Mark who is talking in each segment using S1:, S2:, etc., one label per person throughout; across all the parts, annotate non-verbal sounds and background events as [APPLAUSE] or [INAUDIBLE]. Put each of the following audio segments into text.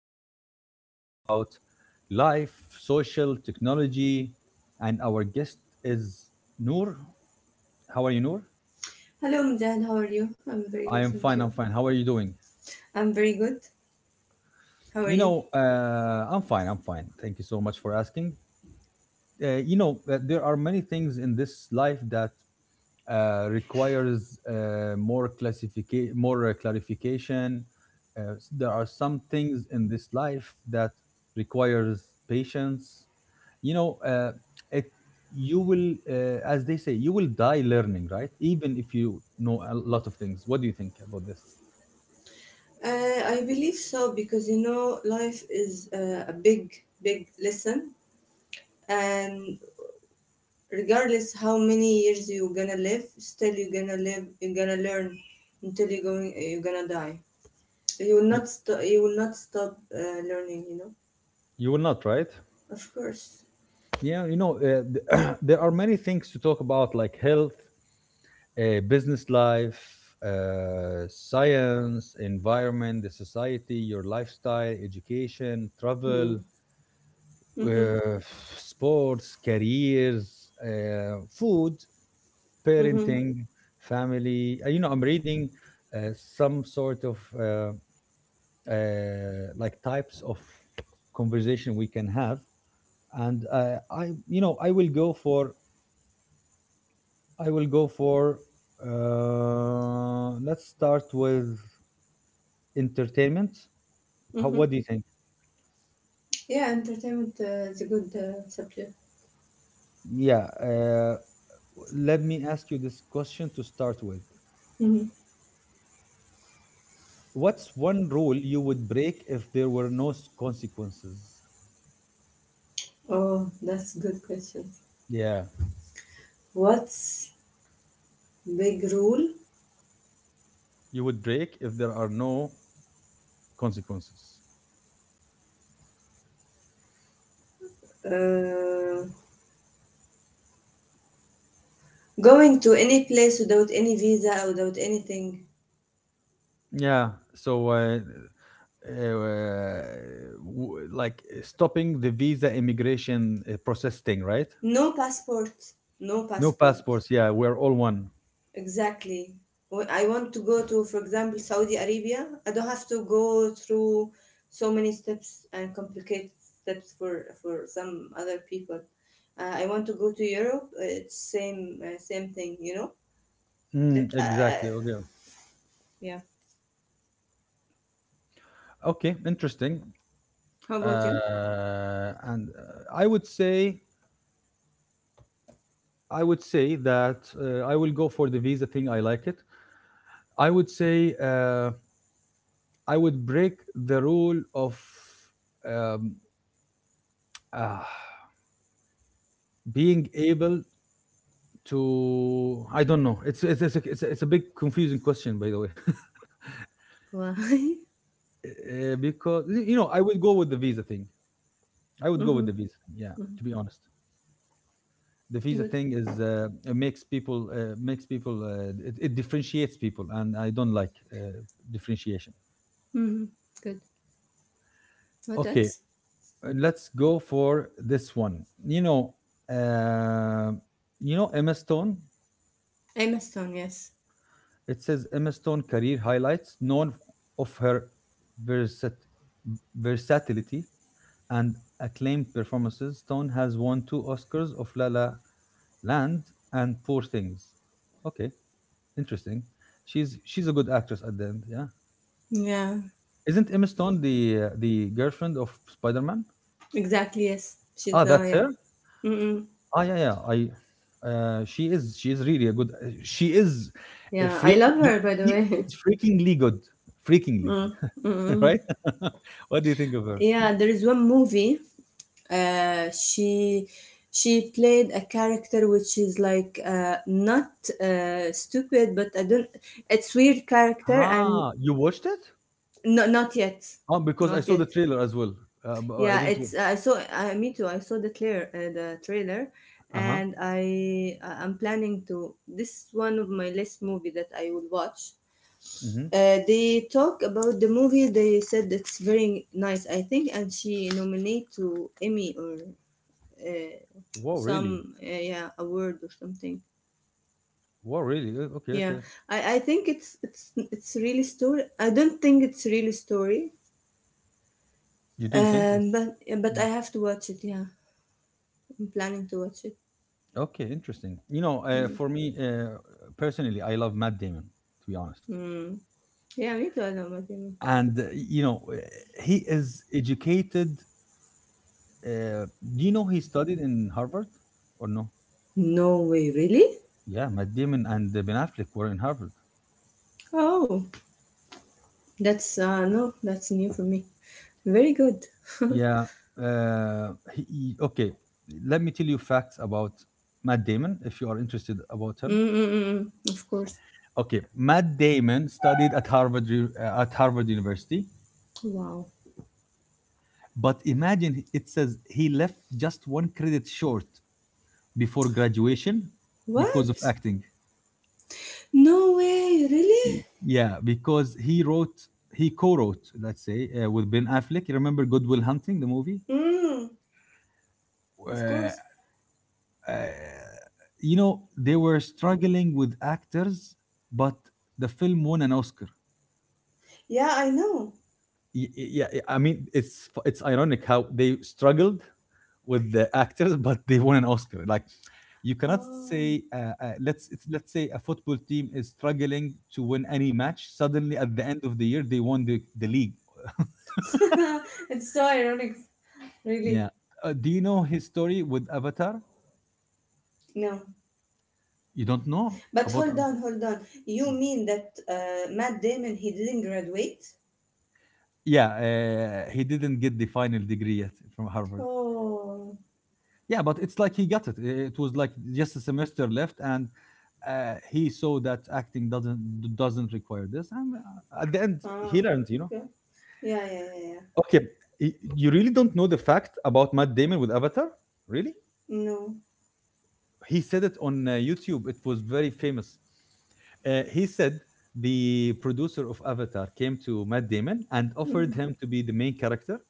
S1: subjects about life, social, technology, and our guest is Noor. How are you, Noor?
S2: Hello, Mujahid. How are you? I'm very
S1: I
S2: good,
S1: am
S2: thank
S1: fine. I'm
S2: you.
S1: fine. How are you doing?
S2: I'm very good. How are you?
S1: I'm fine. I'm fine. Thank you so much for asking. There are many things in this life that requires more classification, more clarification. There are some things in this life that requires patience. You know, it You will, as they say, you will die learning, right? Even if you know a lot of things. What do you think about this?
S2: I believe so because you know life is a big, big lesson, and regardless how many years you're gonna live, still you're gonna live. You're gonna learn until you're going. You're gonna die. You will
S1: Y-
S2: not. You will not stop learning. You know.
S1: You will not, right?
S2: Of course.
S1: Yeah, [CLEARS THROAT] there are many things to talk about, like health, business life, science, environment, the society, your lifestyle, education,
S2: Hmm.
S1: travel,
S2: Mm-hmm.
S1: uh, sports, careers, food,
S2: Mm-hmm.
S1: parenting, family. You know, I'm reading some sort of uh, like types of conversation we can have, and I, I will go for let's start with entertainment? How,
S2: Mm-hmm.
S1: what do you think?
S2: Yeah, entertainment is a good subject.
S1: Yeah. Let me ask you this question to start with.
S2: Mm-hmm.
S1: What's one rule you would break if there were no consequences?
S2: Oh, that's good question.
S1: Yeah,
S2: What's big rule?
S1: you would break if there are no consequences.
S2: Uh, Going to any place without any visa, without anything.
S1: Yeah. So, uh, like stopping the visa immigration process thing, right?
S2: No passport. No
S1: No
S2: passport.
S1: passports. Yeah, we're all one.
S2: Exactly. When I want to go to, for example, Saudi Arabia, I don't have to go through so many steps and complicated steps for some other people. I want to go to Europe. It's same thing. You know that.
S1: Mm, exactly. Okay.
S2: Yeah.
S1: Okay. Interesting.
S2: How about you?
S1: And I would say that I will go for the visa thing. I like it. I would say I would break the rule of um, uh, being able to. I don't know. It's a big confusing question, by the way.
S2: Why? [LAUGHS]
S1: [LAUGHS] Because you know I would go with the visa thing. I would go with
S2: Mm-hmm.
S1: the visa thing, yeah, to be honest. The visa
S2: Good.
S1: thing is, it makes people it differentiates people, and I don't like differentiation.
S2: Hmm. Good. What
S1: Okay,
S2: else?
S1: let's go for this one. You know, uh, Emma Stone.
S2: Emma Stone, yes.
S1: It says Emma Stone career highlights, known of her versat- versatility and acclaimed performances. Stone has won two Oscars of La La Land and Poor Things. Okay. Interesting. She's a good actress at the end, yeah.
S2: Yeah,
S1: Isn't Emma Stone the girlfriend of Spider-Man?
S2: exactly, yes. She's
S1: Ah,
S2: the,
S1: that's her?
S2: yeah. Mm-mm.
S1: Ah, yeah, yeah. I She is, really a good, she is a
S2: Yeah, I love
S1: freaking,
S2: her, by the
S1: she
S2: way.
S1: is
S2: [LAUGHS]
S1: freakingly good. Freakingly,
S2: Mm,
S1: [LAUGHS]
S2: mm-mm.
S1: right? [LAUGHS] What do you think of her?
S2: Yeah, there is one movie. Uh, she she played a character which is like not stupid, but I don't. It's weird character and
S1: Ah, you watched it?
S2: no, not yet,
S1: Oh, because I
S2: not
S1: saw the
S2: yet.
S1: trailer as well. But I
S2: Yeah,
S1: didn't.
S2: it's I saw me too. I saw the trailer,
S1: Uh-huh.
S2: and I'm planning to. This is one of my last movie that I will watch.
S1: Mm-hmm.
S2: They talk about the movie. They said it's very nice, I think, and she nominated to Emmy or uh,
S1: Wow, really?
S2: some yeah award or something.
S1: Wow, really? Okay,
S2: Yeah,
S1: okay.
S2: I think it's really story. I don't think it's really story.
S1: You don't think? Yes.
S2: Um, but but I
S1: Mm.
S2: have to watch it. Yeah, I'm planning to watch it.
S1: Okay, interesting. You know,
S2: Hmm.
S1: for me, personally, I love Matt Damon, to be honest.
S2: Mm. Yeah, me too. I love Fatima.
S1: And, he is educated. Uh, do you know he studied in Harvard or no?
S2: No way, really?
S1: Yeah, Matt Damon and Ben Affleck were in Harvard.
S2: Oh, that's no, that's new for me. Very good. [LAUGHS]
S1: Yeah. Uh, okay, let me tell you facts about Matt Damon if you are interested about him.
S2: Mm-mm-mm. Of course.
S1: Okay, Matt Damon studied at Harvard University,
S2: Wow.
S1: but imagine it says he left just one credit short before graduation because of
S2: What?
S1: acting.
S2: No way, really?
S1: Yeah, because he co-wrote, let's say, with Ben Affleck. You remember Goodwill Hunting, the movie?
S2: Mm.
S1: Uh,
S2: Of
S1: uh,
S2: course.
S1: you know, they were struggling with actors, but the film won an Oscar.
S2: Yeah, I know.
S1: y- yeah, I mean, it's ironic how they struggled with the actors but they won an Oscar. Like, you cannot
S2: Oh.
S1: say, let's say a football team is struggling to win any match, suddenly at the end of the year they won the league.
S2: [LAUGHS] It's so ironic, really.
S1: Yeah. Uh, do you know his story with Avatar?
S2: No.
S1: You don't know
S2: But
S1: about
S2: hold on,
S1: Avatar?
S2: hold on. You mean that Matt Damon he didn't graduate?
S1: Yeah, he didn't get the final degree yet from Harvard.
S2: Oh.
S1: Yeah, but it's like he got it. It was like just a semester left, and he saw that acting doesn't require this, and at the end
S2: Ah.
S1: he learned. You know,
S2: Okay. Yeah, yeah, yeah, yeah.
S1: okay, you really don't know the fact about Matt Damon with Avatar, really?
S2: No.
S1: He said it on YouTube. It was very famous. He said the producer of Avatar came to Matt Damon and offered him to be the main character,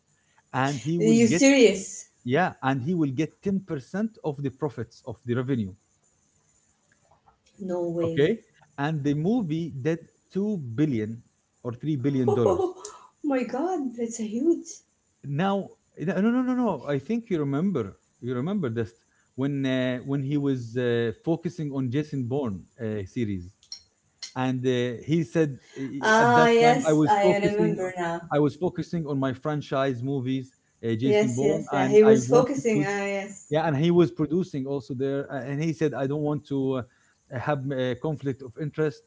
S1: and he
S2: Are
S1: will
S2: you
S1: get,
S2: serious?
S1: yeah, and he will get 10% of the profits of the revenue.
S2: No way.
S1: Okay? And the movie did 2 billion or 3
S2: [LAUGHS]
S1: billion dollars.
S2: Oh my god, that's a huge.
S1: Now, no, no, no, no, no, I think you remember. You remember this when he was focusing on Jason Bourne series, and he said, "I- at that
S2: Ah,
S1: time
S2: yes, I remember now.
S1: I was focusing on my franchise movies, Jason
S2: Yes,
S1: Bourne,
S2: yes, yeah,
S1: and
S2: he
S1: I
S2: was
S1: wanted
S2: focusing.
S1: to,
S2: Ah, yes.
S1: yeah," and he was producing also there, and he said, "I don't want to have a conflict of interest,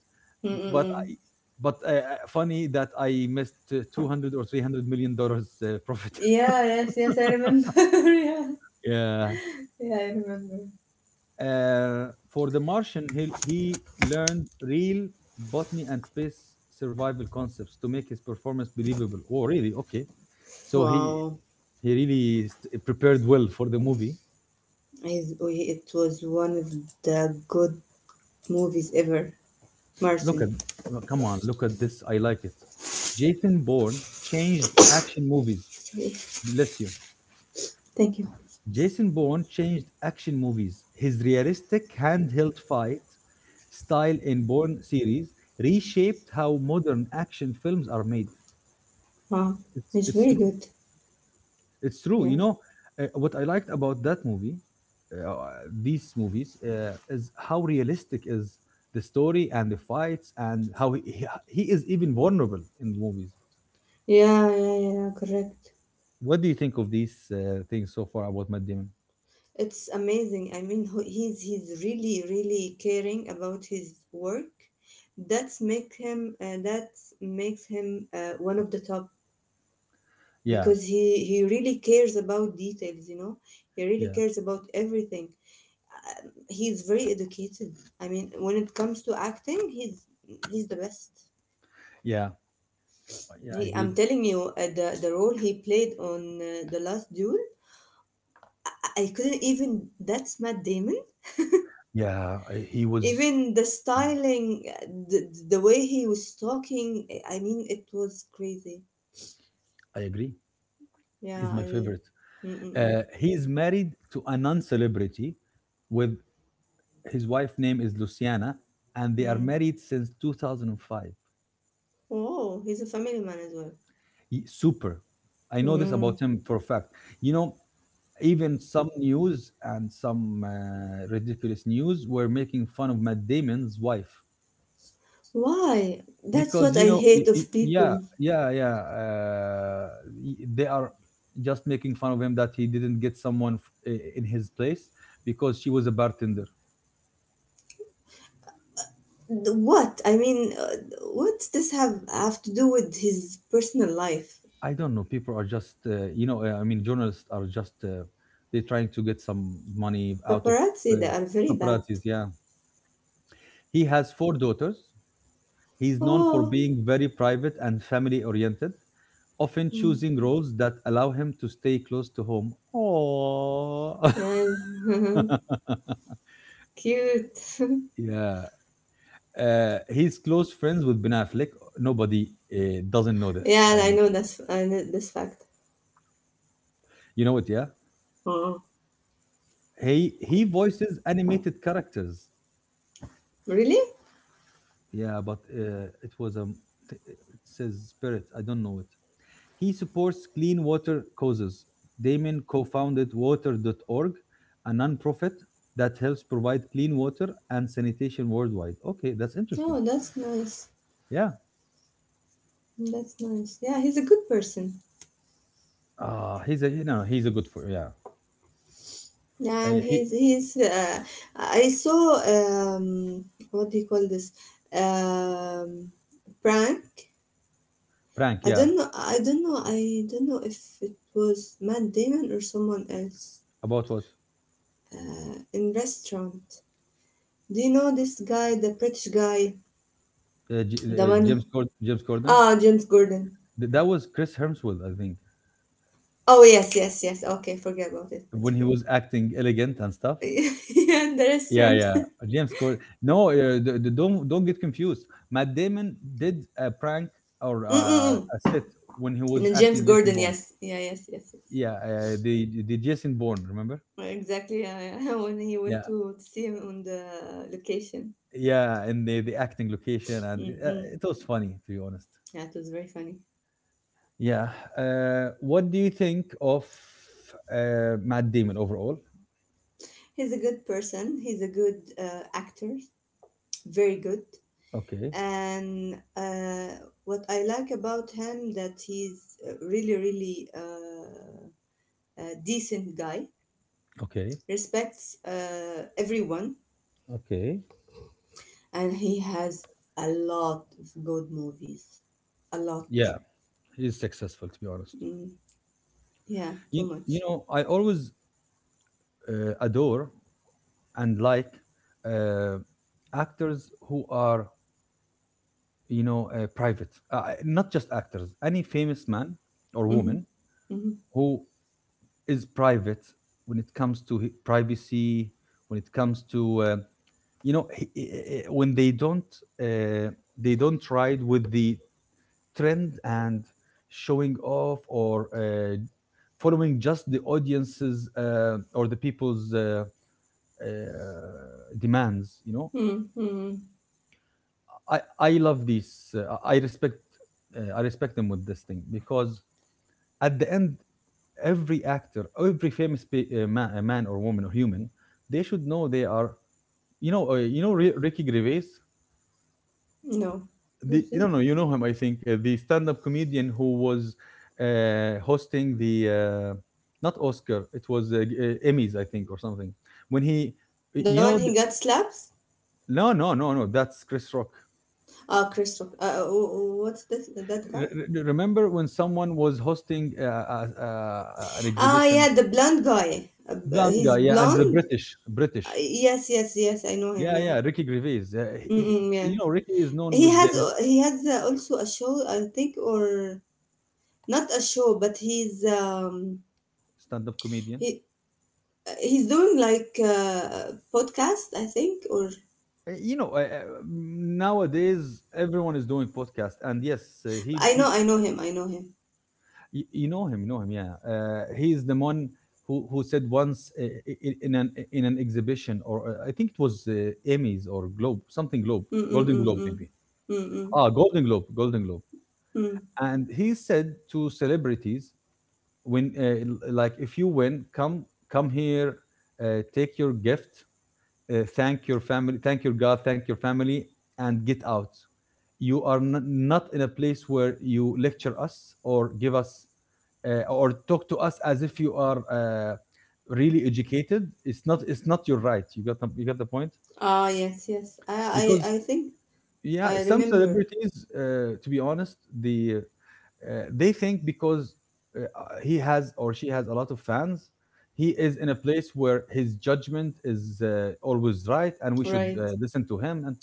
S1: but
S2: Mm-mm-mm.
S1: funny that I missed 200 or 300 million dollars profit."
S2: Yeah, yes, yes, I remember. [LAUGHS] Yeah.
S1: [LAUGHS] Yeah.
S2: Yeah, I remember.
S1: Uh, for the Martian, he learned real botany and space survival concepts to make his performance believable. Oh really, okay. so he
S2: Wow.
S1: he really prepared well for the movie.
S2: It was one of the good movies ever.
S1: Look at,
S2: Martin.
S1: oh come on, look at this. I like it. Jason Bourne changed action movies.
S2: Sorry.
S1: Bless you.
S2: Thank you.
S1: Jason Bourne changed action movies. His realistic handheld fight style in Bourne series reshaped how modern action films are made.
S2: Wow.
S1: It's
S2: It's
S1: it's
S2: very
S1: true.
S2: good.
S1: It's true.
S2: Yeah.
S1: You know, what I liked about that uh, these movies, is how realistic is the story and the fights, and how he is even vulnerable in movies.
S2: Yeah, yeah, yeah, correct.
S1: What do you think of these things so far about Matt Damon?
S2: It's amazing. I mean, he's really really caring about his work. That makes him one of the top
S1: Yeah,
S2: because he really cares about details. He really
S1: yeah,
S2: cares about everything. He's very educated. I mean, when it comes to acting, he's the best.
S1: yeah, yeah. I agree.
S2: I'm telling you, the role he played on the Last Duel, I couldn't even. That's Matt Damon.
S1: Yeah, I- he was.
S2: Even the styling, the way he was talking, I mean it was crazy.
S1: I agree.
S2: yeah
S1: He's my
S2: i
S1: favorite.
S2: Mm, mm,
S1: He's married to a non-celebrity. With his wife name is Luciana, and
S2: mm,
S1: they are
S2: mm.
S1: married since 2005.
S2: Oh, he's a family man as well.
S1: He- super. I know this
S2: Mm.
S1: about him for a fact. You know, even some news and some ridiculous news were making fun of Matt Damon's wife
S2: Why? That's
S1: because
S2: what I hate of
S1: yeah,
S2: people.
S1: yeah, yeah. They are just making fun of him that he didn't get someone in his place because she was a bartender.
S2: What I mean, what does this have to do with his personal life?
S1: I don't know, people are just, I mean journalists are just, they're trying to get some money out of,
S2: Paparazzi,
S1: uh,
S2: they are very bad.
S1: paparazzis, yeah. He has four daughters. He's known for
S2: Oh.
S1: being very private and family oriented, often choosing
S2: Mm,
S1: roles that allow him to stay close to home. Oh.
S2: yeah. [LAUGHS]
S1: [LAUGHS]
S2: Cute. [LAUGHS]
S1: Yeah, he's close friends with Ben Affleck. Nobody doesn't know this. I
S2: yeah I
S1: mean,
S2: know that's I know this fact.
S1: you know it, yeah.
S2: Oh.
S1: He voices animated characters.
S2: Really?
S1: Yeah, but it was, it says Spirit. I don't know it. He supports clean water causes. Damon co-founded Water. Dot org, a nonprofit that helps provide clean water and sanitation worldwide. Okay, that's interesting.
S2: Oh, that's nice.
S1: Yeah.
S2: That's nice. Yeah, he's a good person,
S1: Ah, he's a you know, he's a good for, yeah.
S2: and
S1: He
S2: he's he's. I saw, what do you call this? Um, Prank.
S1: prank,
S2: I
S1: yeah.
S2: don't know. I don't know. I don't know if it was Matt Damon or someone else.
S1: About what?
S2: In restaurant. Do you know this guy, the British guy, the one?
S1: James James Corden.
S2: Ah, James Gordon.
S1: Th- That was Chris Hemsworth, I think,
S2: Oh yes, yes, yes. Okay, forget about it. That's
S1: when he
S2: okay.
S1: was acting elegant and stuff.
S2: [LAUGHS] Yeah, in the
S1: Yeah,
S2: restaurant. [LAUGHS]
S1: yeah, James Corden. No, don't get confused. Matt Damon did a prank or
S2: Mm-mm-mm.
S1: a set when he
S2: And
S1: was
S2: then James
S1: acting Jason
S2: Gordon,
S1: Bourne.
S2: yes, yeah, yes, yes, yes.
S1: Yeah, the Jason Bourne, remember?
S2: Well, exactly. Yeah, yeah. [LAUGHS] When he
S1: Yeah,
S2: went to see him on the location,
S1: yeah, and the acting location and it, it
S2: mm,
S1: was funny to be honest.
S2: yeah, it was very funny.
S1: Yeah. What do you think of Matt Damon overall?
S2: He's a good person. He's a good actor, very good.
S1: Okay,
S2: And what I like about him that he's a really, really a decent guy.
S1: okay,
S2: Respects everyone,
S1: okay.
S2: and he has a lot of good movies. A lot.
S1: Yeah, he's successful to be honest.
S2: Mm, yeah, too
S1: You
S2: much.
S1: know, I always adore and like uh, actors who are, you know, private. Not just actors, any famous man or
S2: Mhm,
S1: woman
S2: mhm,
S1: who is private when it comes to privacy, when it comes to when uh, they don't ride with the trend and showing off or following just the audience's or the people's uh, demands you know
S2: mhm, mhm.
S1: i i love this. I respect I respect them with this thing because at the end every actor, every famous man, or woman or human, they should know they are Ricky Gervais.
S2: No.
S1: The
S2: Who's it?
S1: No, no, you know him, I think. The stand-up comedian who was hosting the not Oscar, it was Emmys, I think, or something. When he, you
S2: The one
S1: know the,
S2: he got slaps?
S1: no, no, no, no, that's Chris Rock.
S2: Ah, Chris Rock. What's this, that guy?
S1: Remember when someone was hosting an
S2: Ah,
S1: exhibition.
S2: yeah, the blonde guy.
S1: Blonde
S2: He's
S1: guy, yeah, and the
S2: blonde.
S1: British.
S2: Yes, yes, yes. I know him.
S1: yeah
S2: Yeah.
S1: yeah Ricky Gervais.
S2: Mm-mm, yeah.
S1: You know, Ricky is known
S2: He
S1: with the
S2: has
S1: his
S2: uh, he has uh, also a show, I think, or not a show, but
S1: stand-up comedian.
S2: he he's doing like a podcast, I think, or
S1: You know, nowadays everyone is doing podcast, and yes,
S2: I know.
S1: he.
S2: I know him. I know him.
S1: You know him, yeah. He is the one who said once, in an exhibition, or I think it was Emmys or globe, something globe, Golden Globe maybe.
S2: Mm-mm-mm-mm.
S1: Ah, Golden Globe,
S2: Mm-mm.
S1: and he said to celebrities, when like, if you win, come, come here, take your gift, thank your family, thank your God, thank your family, and get out. You are not in a place where you lecture us or give us, or talk to us as if you are really educated. It's not. It's not your right. You got. You got the point.
S2: Ah, yes, yes. I,
S1: Because
S2: I, I think
S1: yeah,
S2: I
S1: some
S2: remember.
S1: celebrities, to be honest, they think because he has or she has a lot of fans, he is in a place where his judgment is always right, and we should
S2: Right.
S1: listen to him. And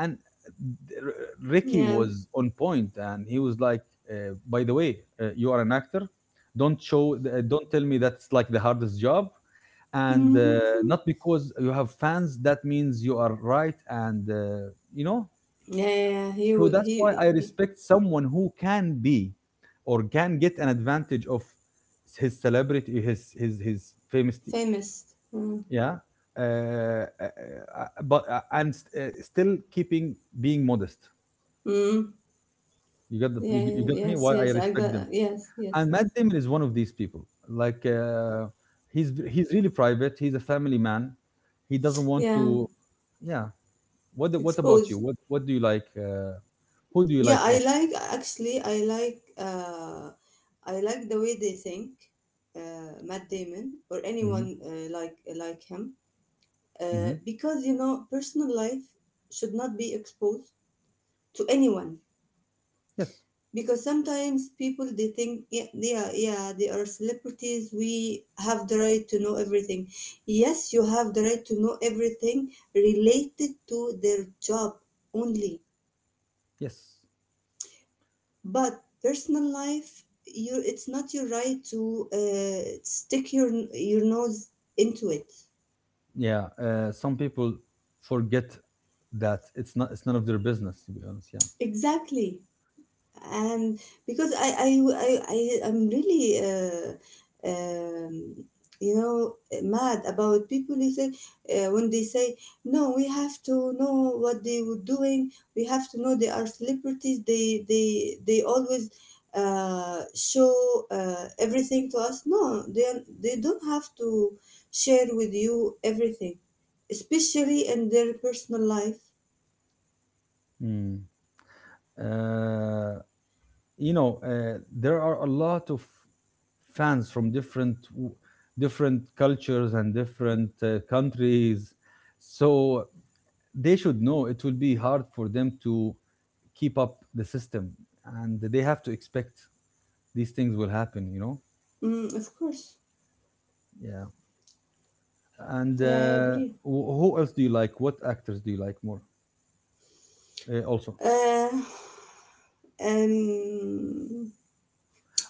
S1: and uh, R- Ricky
S2: Yeah.
S1: was on point, and he was like, "By the way, you are an actor. Don't show. Don't tell me that's like the hardest job." And
S2: Mhm.
S1: not because you have fans, that means you are right, and you know
S2: Yeah, yeah, yeah. He,
S1: so
S2: w-
S1: that's why
S2: he,
S1: I
S2: he
S1: respect someone who can be or can get an advantage of his celebrity, his famous,
S2: famous. Mm.
S1: yeah. Uh, uh, Still keeping being modest.
S2: Mm.
S1: You got
S2: Yeah,
S1: you
S2: yeah,
S1: got me.
S2: yes,
S1: Why I
S2: yes. I
S1: respect
S2: got,
S1: them.
S2: yes, yes,
S1: And
S2: yes.
S1: Matt Damon is one of these people. Like he's really private. He's a family man. He doesn't want
S2: Yeah.
S1: to. Yeah. What about you?
S2: Exposed.
S1: What do you like? Who do you
S2: Yeah,
S1: like?
S2: I
S1: Also.
S2: like, actually, I like the way they think, Matt Damon or
S1: Hmm.
S2: anyone like him,
S1: Hmm.
S2: because personal life should not be exposed to anyone,
S1: Yes.
S2: because sometimes people they think, yeah yeah, yeah they are celebrities, we have the right to know everything. Yes, you have the right to know everything related to their job only.
S1: Yes.
S2: But personal life, you it's not your right to stick your nose into it.
S1: Yeah, some people forget that it's none of their business, to be honest. Yeah.
S2: Exactly. And because I am really, um, you know mad about people who say, when they say, no we have to know what they were doing, we have to know they are celebrities, they always show everything to us. No, they don't have to share with you everything, especially in their personal life.
S1: Mm. Uh, you know, there are a lot of fans from different cultures and different countries, so they should know it will be hard for them to keep up the system, and they have to expect these things will happen.
S2: Mm, of course.
S1: Yeah. And
S2: Yeah, I agree.
S1: who else do you like? What actors do you like more, also?
S2: uh, Um,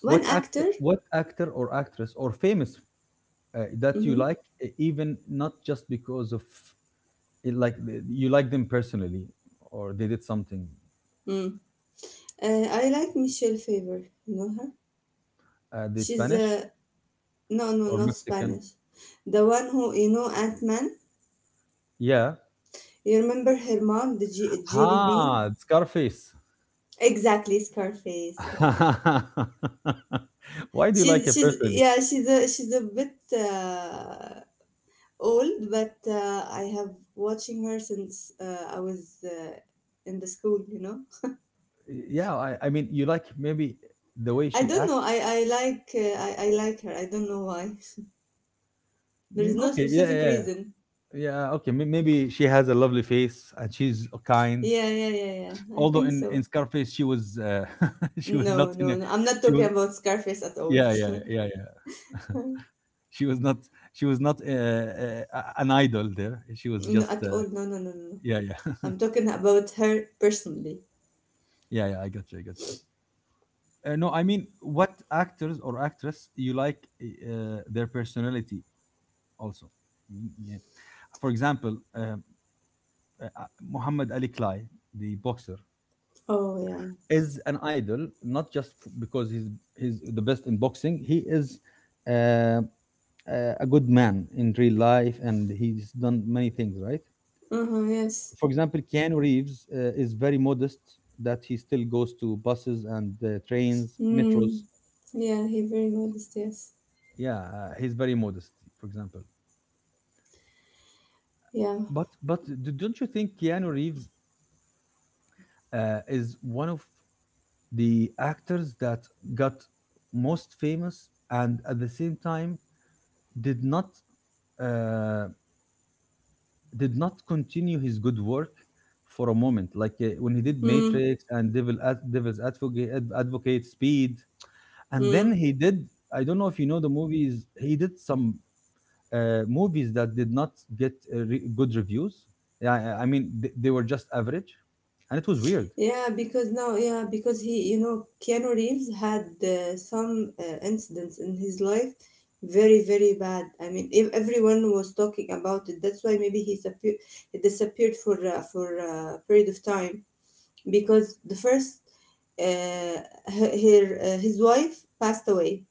S2: One
S1: What actor,
S2: actor.
S1: what actor or actress or famous that you
S2: Mm-hmm.
S1: like, even not just because of it, like you like them personally or they did something.
S2: Mm. Uh, I like Michelle Favor. You know her?
S1: They
S2: She's
S1: Spanish
S2: No, no,
S1: or
S2: not
S1: Mexican?
S2: Spanish. The one who, Ant Man.
S1: Yeah.
S2: You remember her mom, Jelly Bean?
S1: Ah, Scarface.
S2: Exactly, Scarface. Yes.
S1: [LAUGHS] Why do you like
S2: She's
S1: it
S2: she's
S1: personally?
S2: yeah, she's a bit old, but I have watching her since I was, in the school.
S1: Yeah, I mean, you like maybe the way
S2: I
S1: she
S2: don't
S1: acts.
S2: know. I like her. I don't know why. [LAUGHS] There is no
S1: Okay, yeah,
S2: specific
S1: yeah,
S2: reason.
S1: yeah. Okay, maybe she has a lovely face and she's kind.
S2: Yeah, yeah, yeah, yeah. I
S1: Although
S2: think
S1: in
S2: so.
S1: Scarface she was [LAUGHS] she was not
S2: No,
S1: in
S2: no,
S1: a,
S2: no. I'm not
S1: she
S2: talking
S1: was,
S2: about Scarface at all.
S1: yeah, yeah, yeah, yeah, [LAUGHS] she was not, she was not an idol there. She was
S2: [LAUGHS] No,
S1: just
S2: at all. No, no, no, no, no.
S1: yeah, yeah.
S2: I'm talking about her personally.
S1: [LAUGHS] Yeah, yeah. I got you. I got you. No, I mean, what actors or actress you like their personality also? I mean, yeah. For example, uh, Muhammad Ali Klai, the boxer,
S2: Oh, yeah.
S1: is an idol not because he's the best in boxing. He is uh, uh, a good man in real life, and he's done many things. Right.
S2: Uh huh, yes.
S1: For example, Keanu Reeves is very modest that he still goes to buses and trains, metros.
S2: Mm, yeah, he very modest, yes.
S1: Yeah, he's very modest. For example,
S2: Yeah.
S1: but don't you think Keanu Reeves is one of the actors that got most famous, and at the same time did not uh, did not continue his good work for a moment, like when he did
S2: Mm,
S1: Matrix and Devil's Advocate, Speed, and then
S2: mm.
S1: he did, I don't know if you know the movies, he did some movies that did not get good reviews. Yeah, I mean, they were just average, and it was weird.
S2: Yeah, because now, yeah, because he, Keanu Reeves had some incidents in his life, very, very bad. I mean, if everyone was talking about it, that's why maybe he disappeared for a period of time because uh, her, her his wife passed away,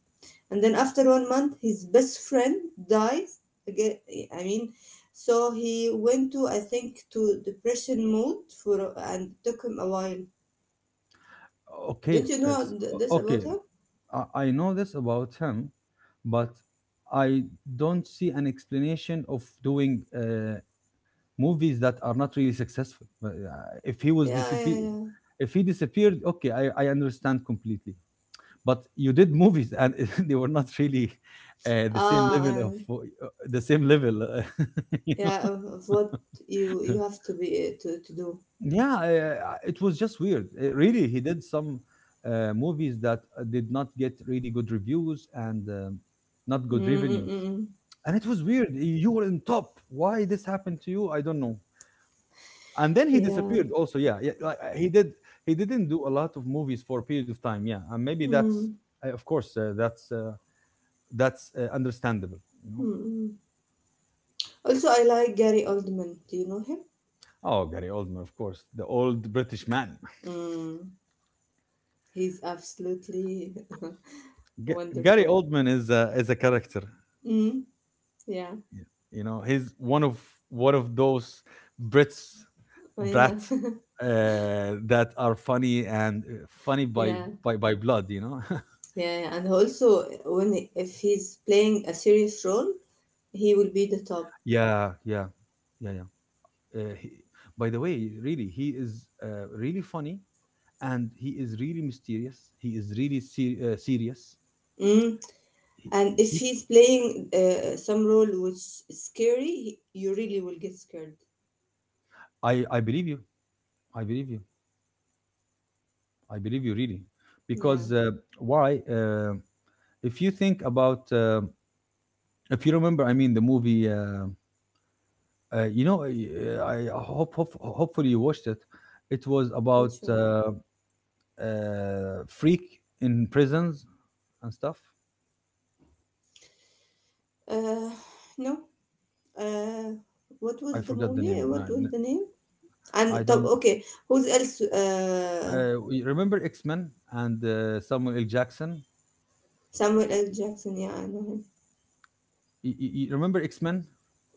S2: and then after one month, his best friend dies again. I mean, so he went to, I think, to depression mode for and took him a while. Do
S1: okay
S2: not you
S1: uh, s-
S2: know this
S1: okay,
S2: about him?
S1: I know this about him, but I don't see an explanation of doing movies that are not really successful. But, if he was
S2: Yeah,
S1: disappear,
S2: yeah, yeah.
S1: if he disappeared, okay, I understand completely. But you did movies, and [LAUGHS] they were not really the same
S2: Ah,
S1: level of the same level. Uh, [LAUGHS] you
S2: yeah.
S1: know?
S2: Of what you have to be to do.
S1: Yeah, it was just weird. Really, he did some movies that did not get really good reviews and not good revenues.
S2: Mm-mm-mm.
S1: And it was weird. You were on top. Why this happened to you? I don't know. And then he
S2: Yeah.
S1: disappeared. Also, yeah, yeah. Like, he did. He didn't do a lot of movies for a period of time. Yeah, and maybe that's,
S2: Mm.
S1: of course, that's understandable. You know.
S2: Mm-mm. Also, I like Gary Oldman. Do you know him?
S1: Oh, Gary Oldman, of course, the old British man.
S2: Mm. He's absolutely
S1: [LAUGHS]
S2: [LAUGHS]
S1: Gary
S2: wonderful.
S1: Oldman is a character.
S2: Mm. Yeah.
S1: y- You know, he's one of those Brits,
S2: Oh, yeah.
S1: brats,
S2: [LAUGHS]
S1: uh, that are funny, and funny
S2: Yeah.
S1: by
S2: Yeah.
S1: blood. You know. [LAUGHS]
S2: Yeah. And also, when if he's playing a serious role, he will be the top.
S1: Yeah, yeah, yeah, yeah. He, by the way, really, he is really funny, and he is really mysterious. He is serious.
S2: Mm.
S1: He,
S2: And if
S1: he,
S2: he's playing some role which is scary, you really will get scared.
S1: I believe you. I believe you. I believe you, really,
S2: Yeah,
S1: because why? If you think about, if you remember, I mean, the movie. You know, I hope, hopefully you watched it. It was about
S2: which one?
S1: freak in prisons and stuff.
S2: uh no. uh what was
S1: I
S2: the
S1: forgot the
S2: movie,
S1: name.
S2: what was
S1: No,
S2: the name? And
S1: I
S2: طب,
S1: don't know.
S2: okay. Who's else?
S1: Remember X Men and Samuel L. Jackson.
S2: Samuel L. Jackson, yeah, I know him.
S1: Remember X Men,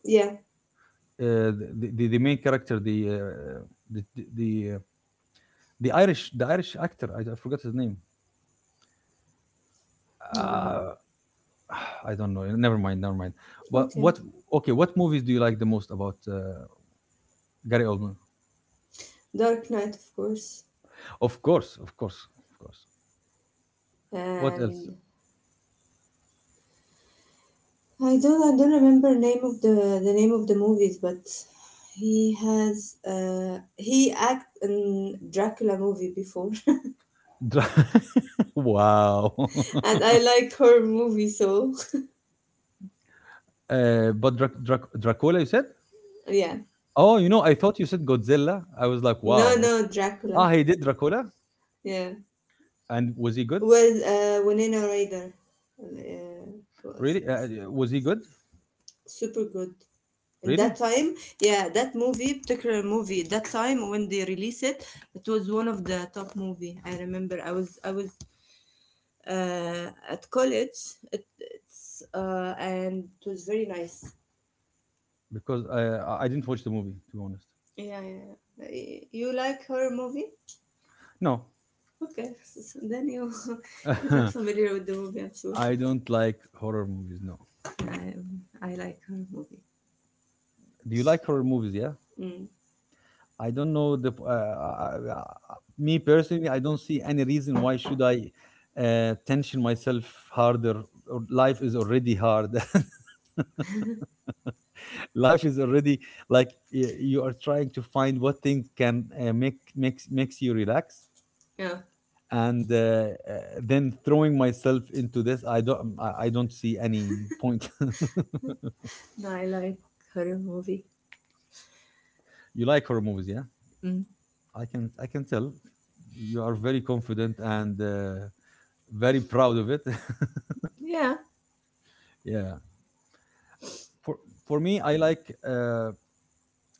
S2: Yeah.
S1: the main character, the the the, uh, the Irish actor. I forgot his name.
S2: um,
S1: Uh, [SIGHS] I don't know. Never mind. Never mind. But
S2: okay.
S1: what? Okay. What movies do you like the most about Gary Oldman?
S2: Dark Knight, of course.
S1: Of course. Of course. Of course. What else?
S2: And I don't remember name of the name of the movies, but he has he act in Dracula movie before. [LAUGHS]
S1: Dra- [LAUGHS] wow.
S2: And I
S1: [LAUGHS]
S2: like horror movies, so
S1: Uh, but Dracula, you said?
S2: [LAUGHS] yeah.
S1: Oh, you know, I thought you said Godzilla. I was like,
S2: No,
S1: wow.
S2: no, Dracula.
S1: Ah, he did Dracula,
S2: Yeah,
S1: and was he good?
S2: with Winona Ryder. Uh, was
S1: Really? Was he good?
S2: super good. And
S1: Really?
S2: that time, yeah, that movie, particular movie, that time when they released it, it was one of the top movie. I remember I was at college. It, it's And it was very nice.
S1: Because I didn't watch the movie, to be honest.
S2: Yeah, yeah, yeah. You like horror movie?
S1: No,
S2: Okay, [LAUGHS] so then you [LAUGHS] you're not
S1: [LAUGHS]
S2: familiar with the movie, I'm sure.
S1: I don't like horror movies. No.
S2: I, I like her movie.
S1: Do you like horror movies? Yeah.
S2: Mm.
S1: I don't know the me personally. I don't see any reason why should I tension myself harder. Or life is already hard. [LAUGHS] Life is already like, you are trying to find what thing can makes you relax,
S2: Yeah,
S1: and uh, then throwing myself into this, I don't I don't see any point.
S2: I like her movie.
S1: [LAUGHS] You like horror movies, yeah.
S2: Mm.
S1: I can tell you are very confident and very proud of it.
S2: Yeah.
S1: [LAUGHS] Yeah. For me, I like uh,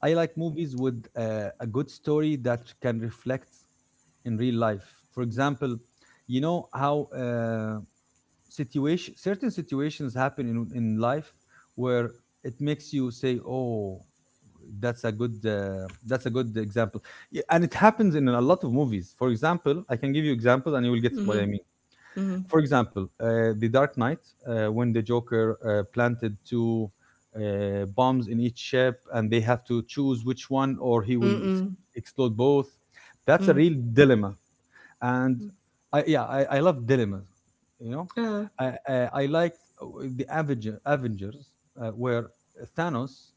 S1: I like movies with a good story that can reflect in real life. For example, you know how uh, situation certain situations happen in life where it makes you say, oh, that's a good example. Yeah, and it happens in a lot of movies. For example, I can give you examples, and you will get what
S2: Mm-hmm.
S1: I mean.
S2: Mm-hmm.
S1: For example, the Dark Knight, when the Joker planted two bombs in each ship, and they have to choose which one, or he will
S2: Mm-mm.
S1: explode both. That's a
S2: Mm.
S1: real dilemma. And yeah, I love dilemmas. You know,
S2: Uh,
S1: I, I, I liked Avengers, where Thanos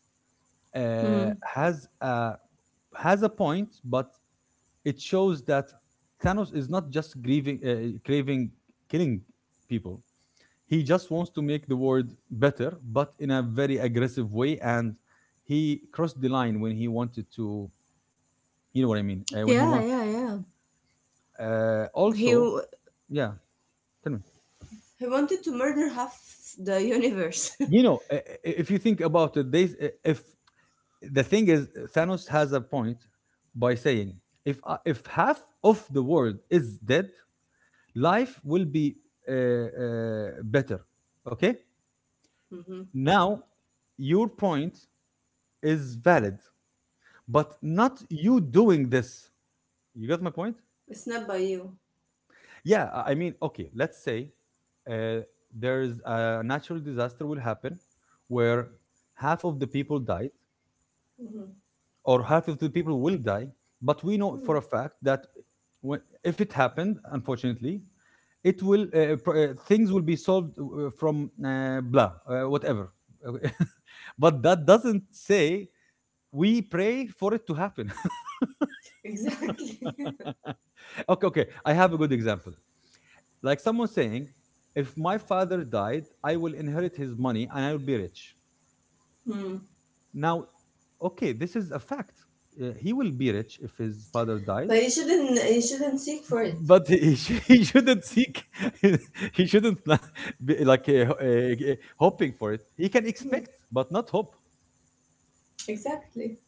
S1: uh,
S2: mm.
S1: has a has a point, but it shows that Thanos is not just grieving, craving killing people. He just wants to make the world better, but in a very aggressive way. And he crossed the line when he wanted to. You know what I mean? When he
S2: Yeah,
S1: wanted.
S2: yeah, yeah. He
S1: Also,
S2: w-
S1: yeah. Tell me.
S2: he wanted to murder half the universe. [LAUGHS]
S1: You know, if you think about it, they if the thing is, Thanos has a point by saying, if half of the world is dead, life will be better. Okay.
S2: Mm-hmm.
S1: Now, your point is valid, but not you doing this. You got my point.
S2: It's not by you.
S1: Yeah, I mean, okay, let's say uh, there's a natural disaster will happen where half of the people died,
S2: Hmm.
S1: or half of the people will die. But we know for a fact that when, if it happened, unfortunately, it will things will be solved from blah whatever. [LAUGHS] But that doesn't say we pray for it to happen.
S2: Exactly. [LAUGHS]
S1: [LAUGHS] Okay, okay. I have a good example. Like someone saying, if my father died, I will inherit his money and I will be rich.
S2: Mm.
S1: Now, okay, this is a fact. He will be rich if his father died.
S2: But you shouldn't seek for it.
S1: But he [LAUGHS] he shouldn't seek. [LAUGHS] He shouldn't be like hoping for it. He can expect, but not hope,
S2: Exactly.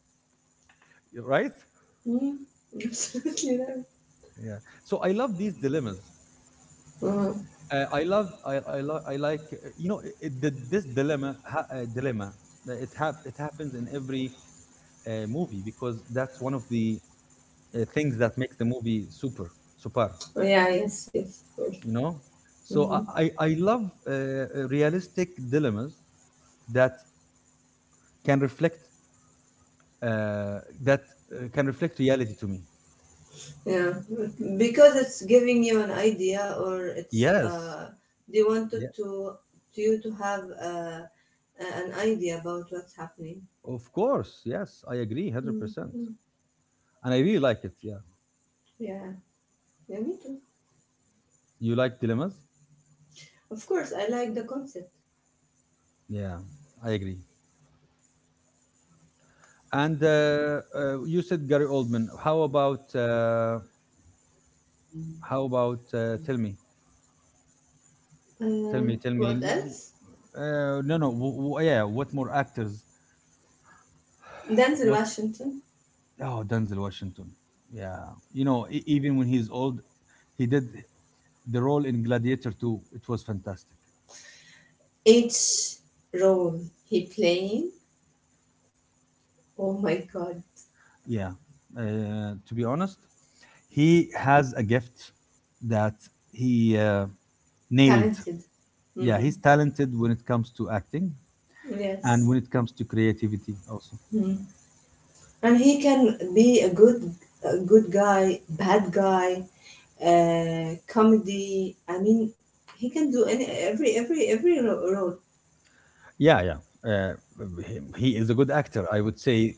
S1: right?
S2: Mm. [LAUGHS] Absolutely right.
S1: Yeah. So I love these dilemmas.
S2: Uh,
S1: I love. I, lo- I like. You know, this dilemma. It happens in every movie because that's one of the things that makes the movie super super.
S2: yeah. Yes. Yes. Of course.
S1: You know. So
S2: Mm-hmm.
S1: I love realistic dilemmas that can reflect that can reflect reality to me.
S2: Yeah, because it's giving you an idea, or it's,
S1: Yes,
S2: they wanted
S1: yeah,
S2: to you to have, an idea about what's happening.
S1: of course, yes, I agree, 100%,
S2: Mm-hmm.
S1: and I really like it. Yeah,
S2: Yeah, yeah, me too.
S1: you like dilemmas?
S2: Of course, I like the concept.
S1: Yeah, I agree. And you said Gary Oldman. How about how about uh, tell me,
S2: Uh,
S1: tell me?
S2: what else?
S1: No, no, yeah. What more actors?
S2: Denzel
S1: What?
S2: Washington.
S1: Oh, Denzel Washington. Yeah, you know, even when he's old, he did the role in Gladiator two. It was fantastic.
S2: Each role he playing, oh my god,
S1: Yeah. To be honest, he has a gift that he nailed.
S2: talented.
S1: Yeah,
S2: Mm-mm.
S1: he's talented when it comes to acting and
S2: Yes,
S1: when it comes to creativity also.
S2: mm. And he can be a good guy, bad guy, comedy. I mean, he can do any every ro- role.
S1: Yeah, yeah. Uh, he, he is a good actor. I would say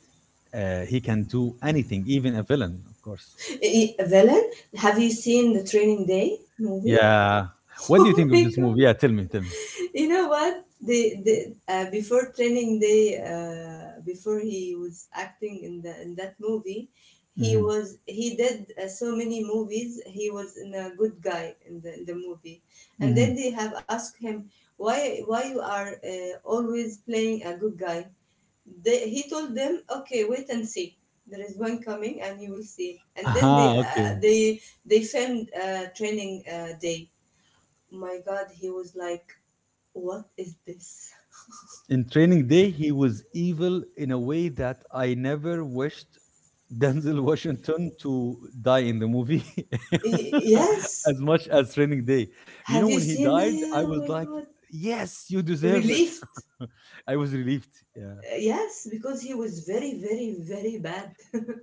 S1: he can do anything, even a villain, of course.
S2: Villain. Have you seen the Training Day movie?
S1: Yeah.
S2: [LAUGHS]
S1: What do you
S2: Oh
S1: think
S2: my
S1: of this
S2: god!
S1: movie? Yeah, tell me, tell me.
S2: You know what? The Before Training Day, before he was acting in the in that movie,
S1: Mm-hmm.
S2: he did so many movies. He was in a good guy in the movie, and
S1: Mm-hmm.
S2: then they have asked him why you are always playing a good guy. They, he told them, okay, wait and see, there is one coming and you will see. And
S1: [LAUGHS]
S2: then
S1: Aha, okay.
S2: they filmed training day. My god, he was like, what is this?
S1: In Training Day, he was evil in a way that I never wished Denzel [LAUGHS] Washington to die in the movie [LAUGHS]
S2: Yes,
S1: as much as Training Day. You know,
S2: have you
S1: when he
S2: seen the,
S1: died, I
S2: oh
S1: was
S2: my
S1: like,
S2: god,
S1: yes, you deserve it.
S2: relieved.
S1: [LAUGHS] I was relieved. Yeah.
S2: Yes, because he was very bad.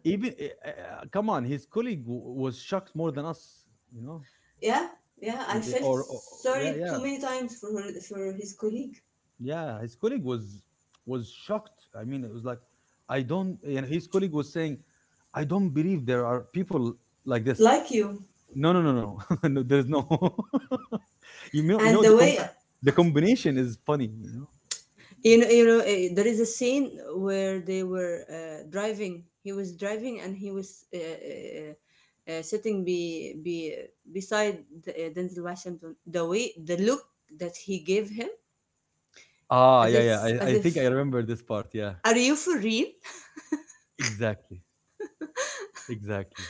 S1: Even, come on, his colleague was shocked more than us, you know?
S2: [LAUGHS] Yeah, yeah, I
S1: Y- eh,
S2: felt
S1: Or, or, yeah,
S2: sorry too
S1: yeah.
S2: many times for her, for his colleague,
S1: Yeah, his colleague was shocked. I mean, it was like, I don't. And his colleague was saying, I don't believe there are people like this.
S2: like you.
S1: No, no, no, no. [LAUGHS] No there's no. [LAUGHS] You know,
S2: And the way,
S1: the combination is funny. You know.
S2: you know, there is a scene where they were driving he was driving and he was sitting be beside Denzel Washington. The way the look that he gave him,
S1: Ah,
S2: as
S1: yeah, yeah.
S2: if, as
S1: I think I
S2: if,
S1: remember this part. Yeah,
S2: are you for real?
S1: exactly, exactly.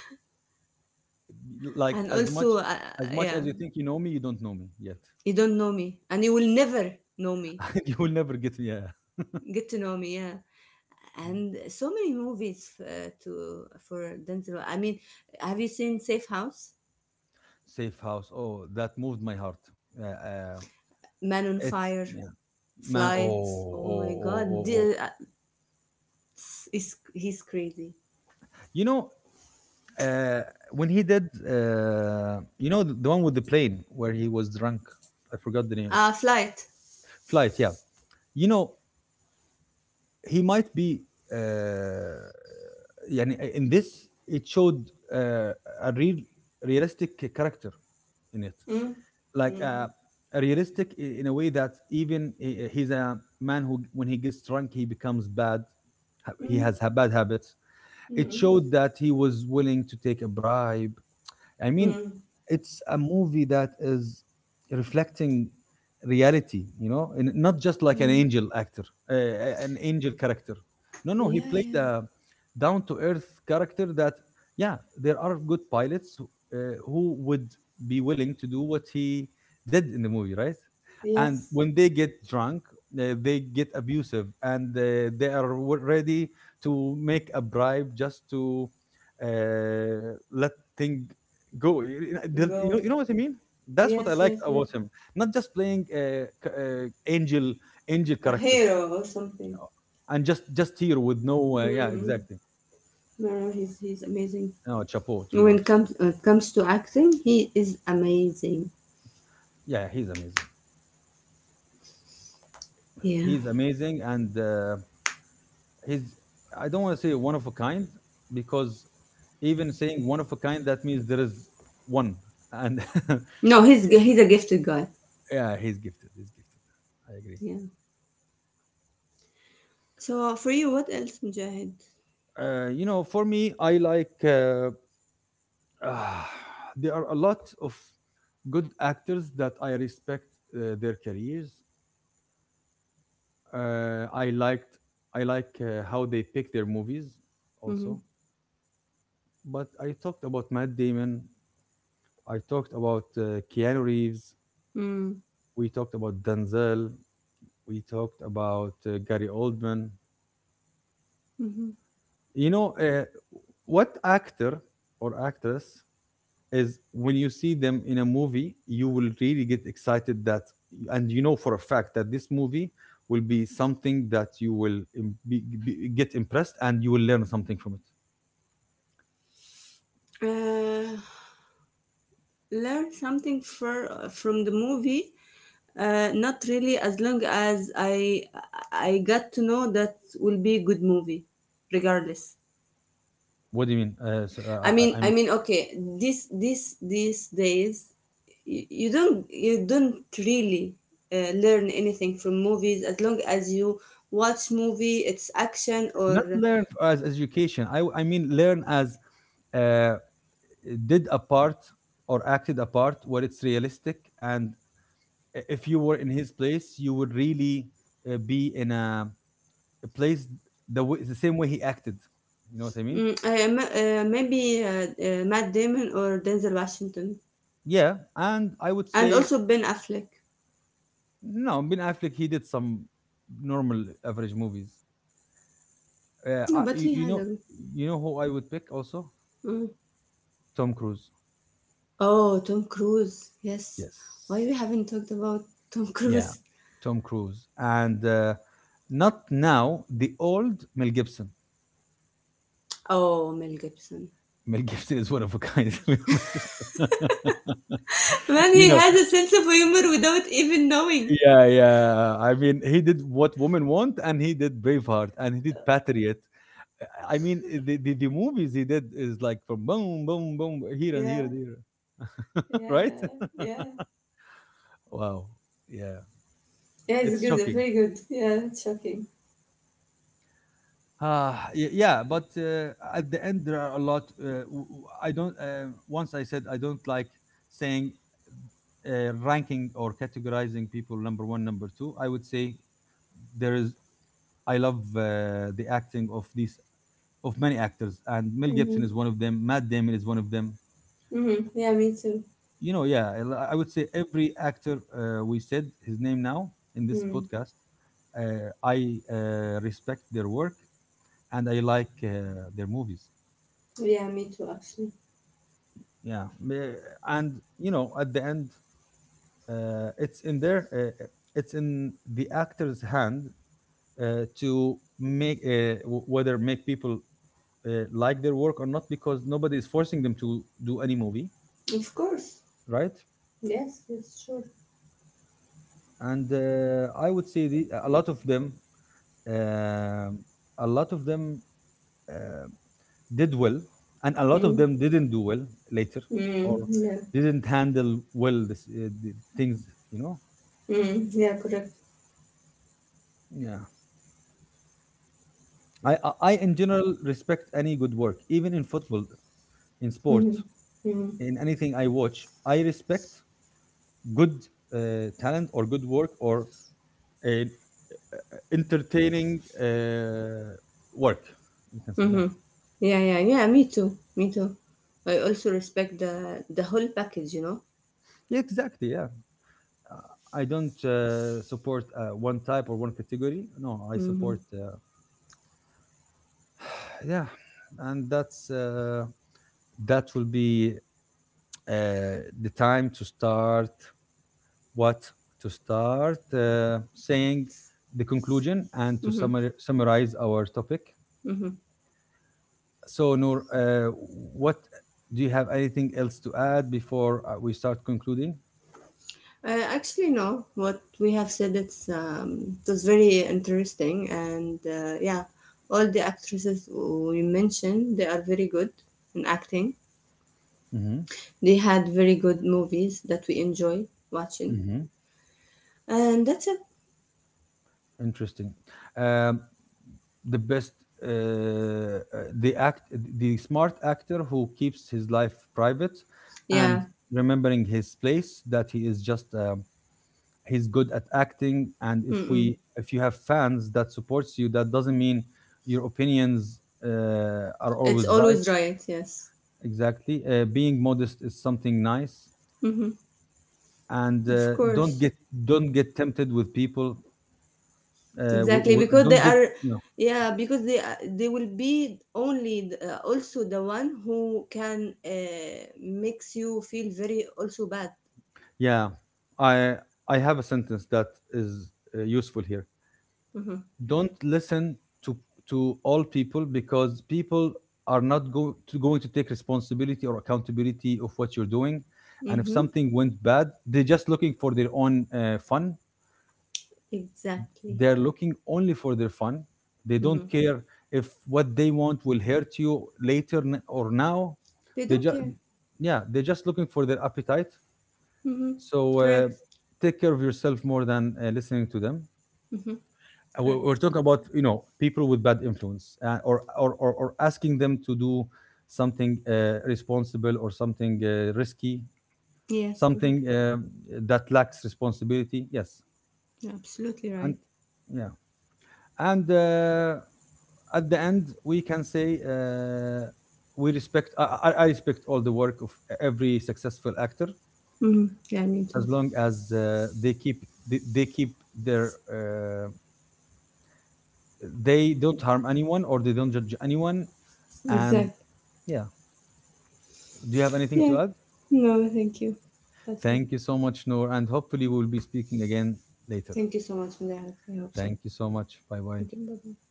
S2: [LAUGHS]
S1: Like
S2: And also,
S1: as much
S2: yeah,
S1: as you think you know me, you don't know me yet.
S2: you don't know me and you will never know me,
S1: [LAUGHS] You will never get me. Yeah.
S2: get to know me. Yeah, and so many movies, to for Denzel, I mean, have you seen Safe House,
S1: Safe house. Oh, that moved my heart. Uh, uh,
S2: Man on
S1: It's
S2: Fire,
S1: yeah, man. Oh,
S2: Flight? Oh
S1: oh,
S2: my
S1: oh,
S2: God,
S1: oh, oh.
S2: is, he's crazy.
S1: You know, uh, when he did, you know, the one with the plane where he was drunk. I forgot the name. Of it.
S2: Flight.
S1: Flight, yeah. You know, he might be. Uh, يعني in this, it showed uh, a realistic character in it,
S2: Mm,
S1: like
S2: mm,
S1: a realistic in a way that even he's a man who, when he gets drunk, he becomes bad. He
S2: mm,
S1: has bad habits. It
S2: mm,
S1: showed that he was willing to take a bribe. I mean,
S2: mm,
S1: it's a movie that is reflecting reality, you know, and not just like an
S2: mm.
S1: angel actor, an angel character. No, no, he
S2: Yeah,
S1: played
S2: yeah.
S1: a down to earth character that, yeah, there are good pilots who would be willing to do what he did in the movie, right? And
S2: Yes.
S1: when they get drunk, they get abusive and they are ready to make a bribe just to let thing go
S2: Go.
S1: you know what I mean. That's what I
S2: Yes,
S1: liked
S2: yes, yes.
S1: about him, not just playing angel
S2: A
S1: characters
S2: hero or something.
S1: you know, and just here with no yeah
S2: Mm-hmm.
S1: exactly.
S2: No, no, he's amazing.
S1: No chapeau, to be honest.
S2: When it comes to acting, he is amazing.
S1: Yeah, he's amazing,
S2: Yeah.
S1: he's amazing. And he's, I don't want to say one of a kind, because even saying one of a kind that means there is one. And [LAUGHS]
S2: No, he's a gifted guy.
S1: yeah, he's gifted, he's gifted, I agree.
S2: Yeah. So for you, what else, Mujahid?
S1: You know, for me, I like [SIGHS] Ah, there are a lot of good actors that I respect their careers. Uh, I liked I like how they pick their movies
S2: Mm-hmm.
S1: also. But I talked about Matt Damon. I talked about Keanu Reeves.
S2: Mm-hmm.
S1: We talked about Denzel. We talked about Gary Oldman. You know, what actor or actress is when you see them in a movie, you will really get excited that, and you know for a fact that this movie will be something that you will get impressed and you will learn something from it.
S2: Uh, Learn something for, from the movie. Not really. As long as I got to know that will be a good movie, regardless.
S1: What do you mean?
S2: I
S1: I'm
S2: mean, okay, This these days, you don't really learn anything from movies. As long as you watch movie, it's action
S1: not
S2: or
S1: learn as education. I mean learn as uh, did a part or acted a part where it's realistic, and if you were in his place, you would really be in a. It plays the way, the same way he acted. You know what I mean?
S2: mm, maybe Matt Damon or Denzel Washington,
S1: Yeah, and I would
S2: and
S1: say
S2: also Ben Affleck.
S1: no. Ben Affleck he did some normal average movies.
S2: No, but he
S1: You
S2: has
S1: know,
S2: a.
S1: you know who I would pick also.
S2: Mm.
S1: Tom Cruise.
S2: Oh, Tom Cruise. Yes. Why
S1: Yes,
S2: we haven't talked about Tom
S1: yeah,
S2: Cruise?
S1: Tom Cruise, and not now the old Mel Gibson.
S2: Oh, Mel Gibson.
S1: Mel [LAUGHS] Gibson is one of a kind, [LAUGHS] to be honest.
S2: Man,
S1: [LAUGHS] You
S2: he
S1: know,
S2: has a sense of humor without even knowing.
S1: yeah, yeah. I mean, he did what women want, and he did Braveheart, and he did Patriot. I mean, the movies he did is like from boom, boom, boom, here and here
S2: Yeah,
S1: and here, [LAUGHS]
S2: yeah,
S1: right?
S2: yeah, yeah.
S1: Wow. Yeah.
S2: Yeah, it's
S1: It's
S2: good,
S1: shocking.
S2: very good. Yeah, it's shocking.
S1: Ah, y- yeah, but at the end, there are a lot. I don't, once I said I don't like saying ranking or categorizing people number one, number two. I would say there is, I love the acting of these, of many actors, and Mel Gibson
S2: Mm-hmm.
S1: is one of them, Matt Damon is one of them,
S2: Mm-hmm. Yeah, me too.
S1: you know. Yeah, I would say every actor we said his name now in this
S2: Mm.
S1: podcast. I respect their work and I like their movies.
S2: Yeah, me too, actually.
S1: yeah me- and you know at the end uh, it's in there. uh, uh, it's in the actor's hand to make whether make people like their work or not, because nobody is forcing them to do any movie,
S2: Of course.
S1: right?
S2: Yes, yes, sure.
S1: And I would say a lot of them, Um, a lot of them uh, did well, and a lot of
S2: Mm.
S1: them didn't do well later, or
S2: Mm. Yeah.
S1: didn't handle well this, the things, you know?
S2: Mm. Yeah, correct.
S1: Yeah. I, in general, respect any good work, even in football, in sport,
S2: Mm-hmm. Mm-hmm.
S1: in anything I watch. I respect good talent or good work or uh, entertaining work, you can say. Yeah.
S2: Mhm. Yeah, yeah, yeah. Me too. Me too. I also respect the whole package, you know.
S1: Yeah, exactly. Yeah. uh, I don't support one type or one category. No, I
S2: Mhm.
S1: support yeah, and that's that will be the time to start what to start saying the conclusion and to
S2: Mhm.
S1: summarize our topic.
S2: Mhm.
S1: So Noor, what do you have anything else to add before we start concluding?
S2: Actually, no. What we have said, it's it was very interesting, and yeah, all the actresses we mentioned, they are very good in acting. They had very good movies that we enjoy watching,
S1: Hmm.
S2: and that's it.
S1: Interesting. Um, the best, uh, uh, the act, the smart actor who keeps his life private, and
S2: Yeah.
S1: remembering his place. That he is just he's good at acting. And
S2: Mm-mm.
S1: if you have fans that supports you, that doesn't mean your opinions are
S2: It's
S1: always right.
S2: always right. Yes.
S1: Exactly. Being modest is something nice,
S2: Mhm.
S1: and
S2: Of course.
S1: don't get tempted with people.
S2: Exactly, because they
S1: Don't get,
S2: are,
S1: no.
S2: yeah, because they are, they will be only also the one who can makes you feel very also bad.
S1: Yeah, I I have a sentence that is useful here.
S2: Hmm.
S1: Don't listen to to all people, because people are not go to, going to take responsibility or accountability of what you're doing. And if
S2: Mm-hmm.
S1: something went bad, they're just looking for their own fun.
S2: Exactly.
S1: They're looking only for their fun. They don't
S2: Hmm.
S1: care if what they want will hurt you later or now.
S2: They
S1: They
S2: don't
S1: just,
S2: care.
S1: yeah, they're just looking for their appetite.
S2: Mm-hmm.
S1: So
S2: Correct.
S1: take care of yourself more than listening to them.
S2: Hmm. Correct.
S1: We're talking about you know people with bad influence, or asking them to do something responsible or something risky,
S2: Yes, correct.
S1: something that lacks responsibility. Yes,
S2: You're absolutely
S1: and
S2: right.
S1: yeah, and at the end we can say we respect. I respect all the work of every successful actor,
S2: Mm-hmm. Yeah, me too.
S1: as long as they keep their. They don't harm anyone or they don't judge anyone. And
S2: Exact.
S1: yeah, do you have anything
S2: Yeah.
S1: to add?
S2: No, thank you. That's it.
S1: Thank you so much, Noor. And hopefully, we'll be speaking again later.
S2: Thank you so much, for Minaya. I hope so.
S1: Thank you so much. Bye bye.
S2: Thank you. Bye-bye.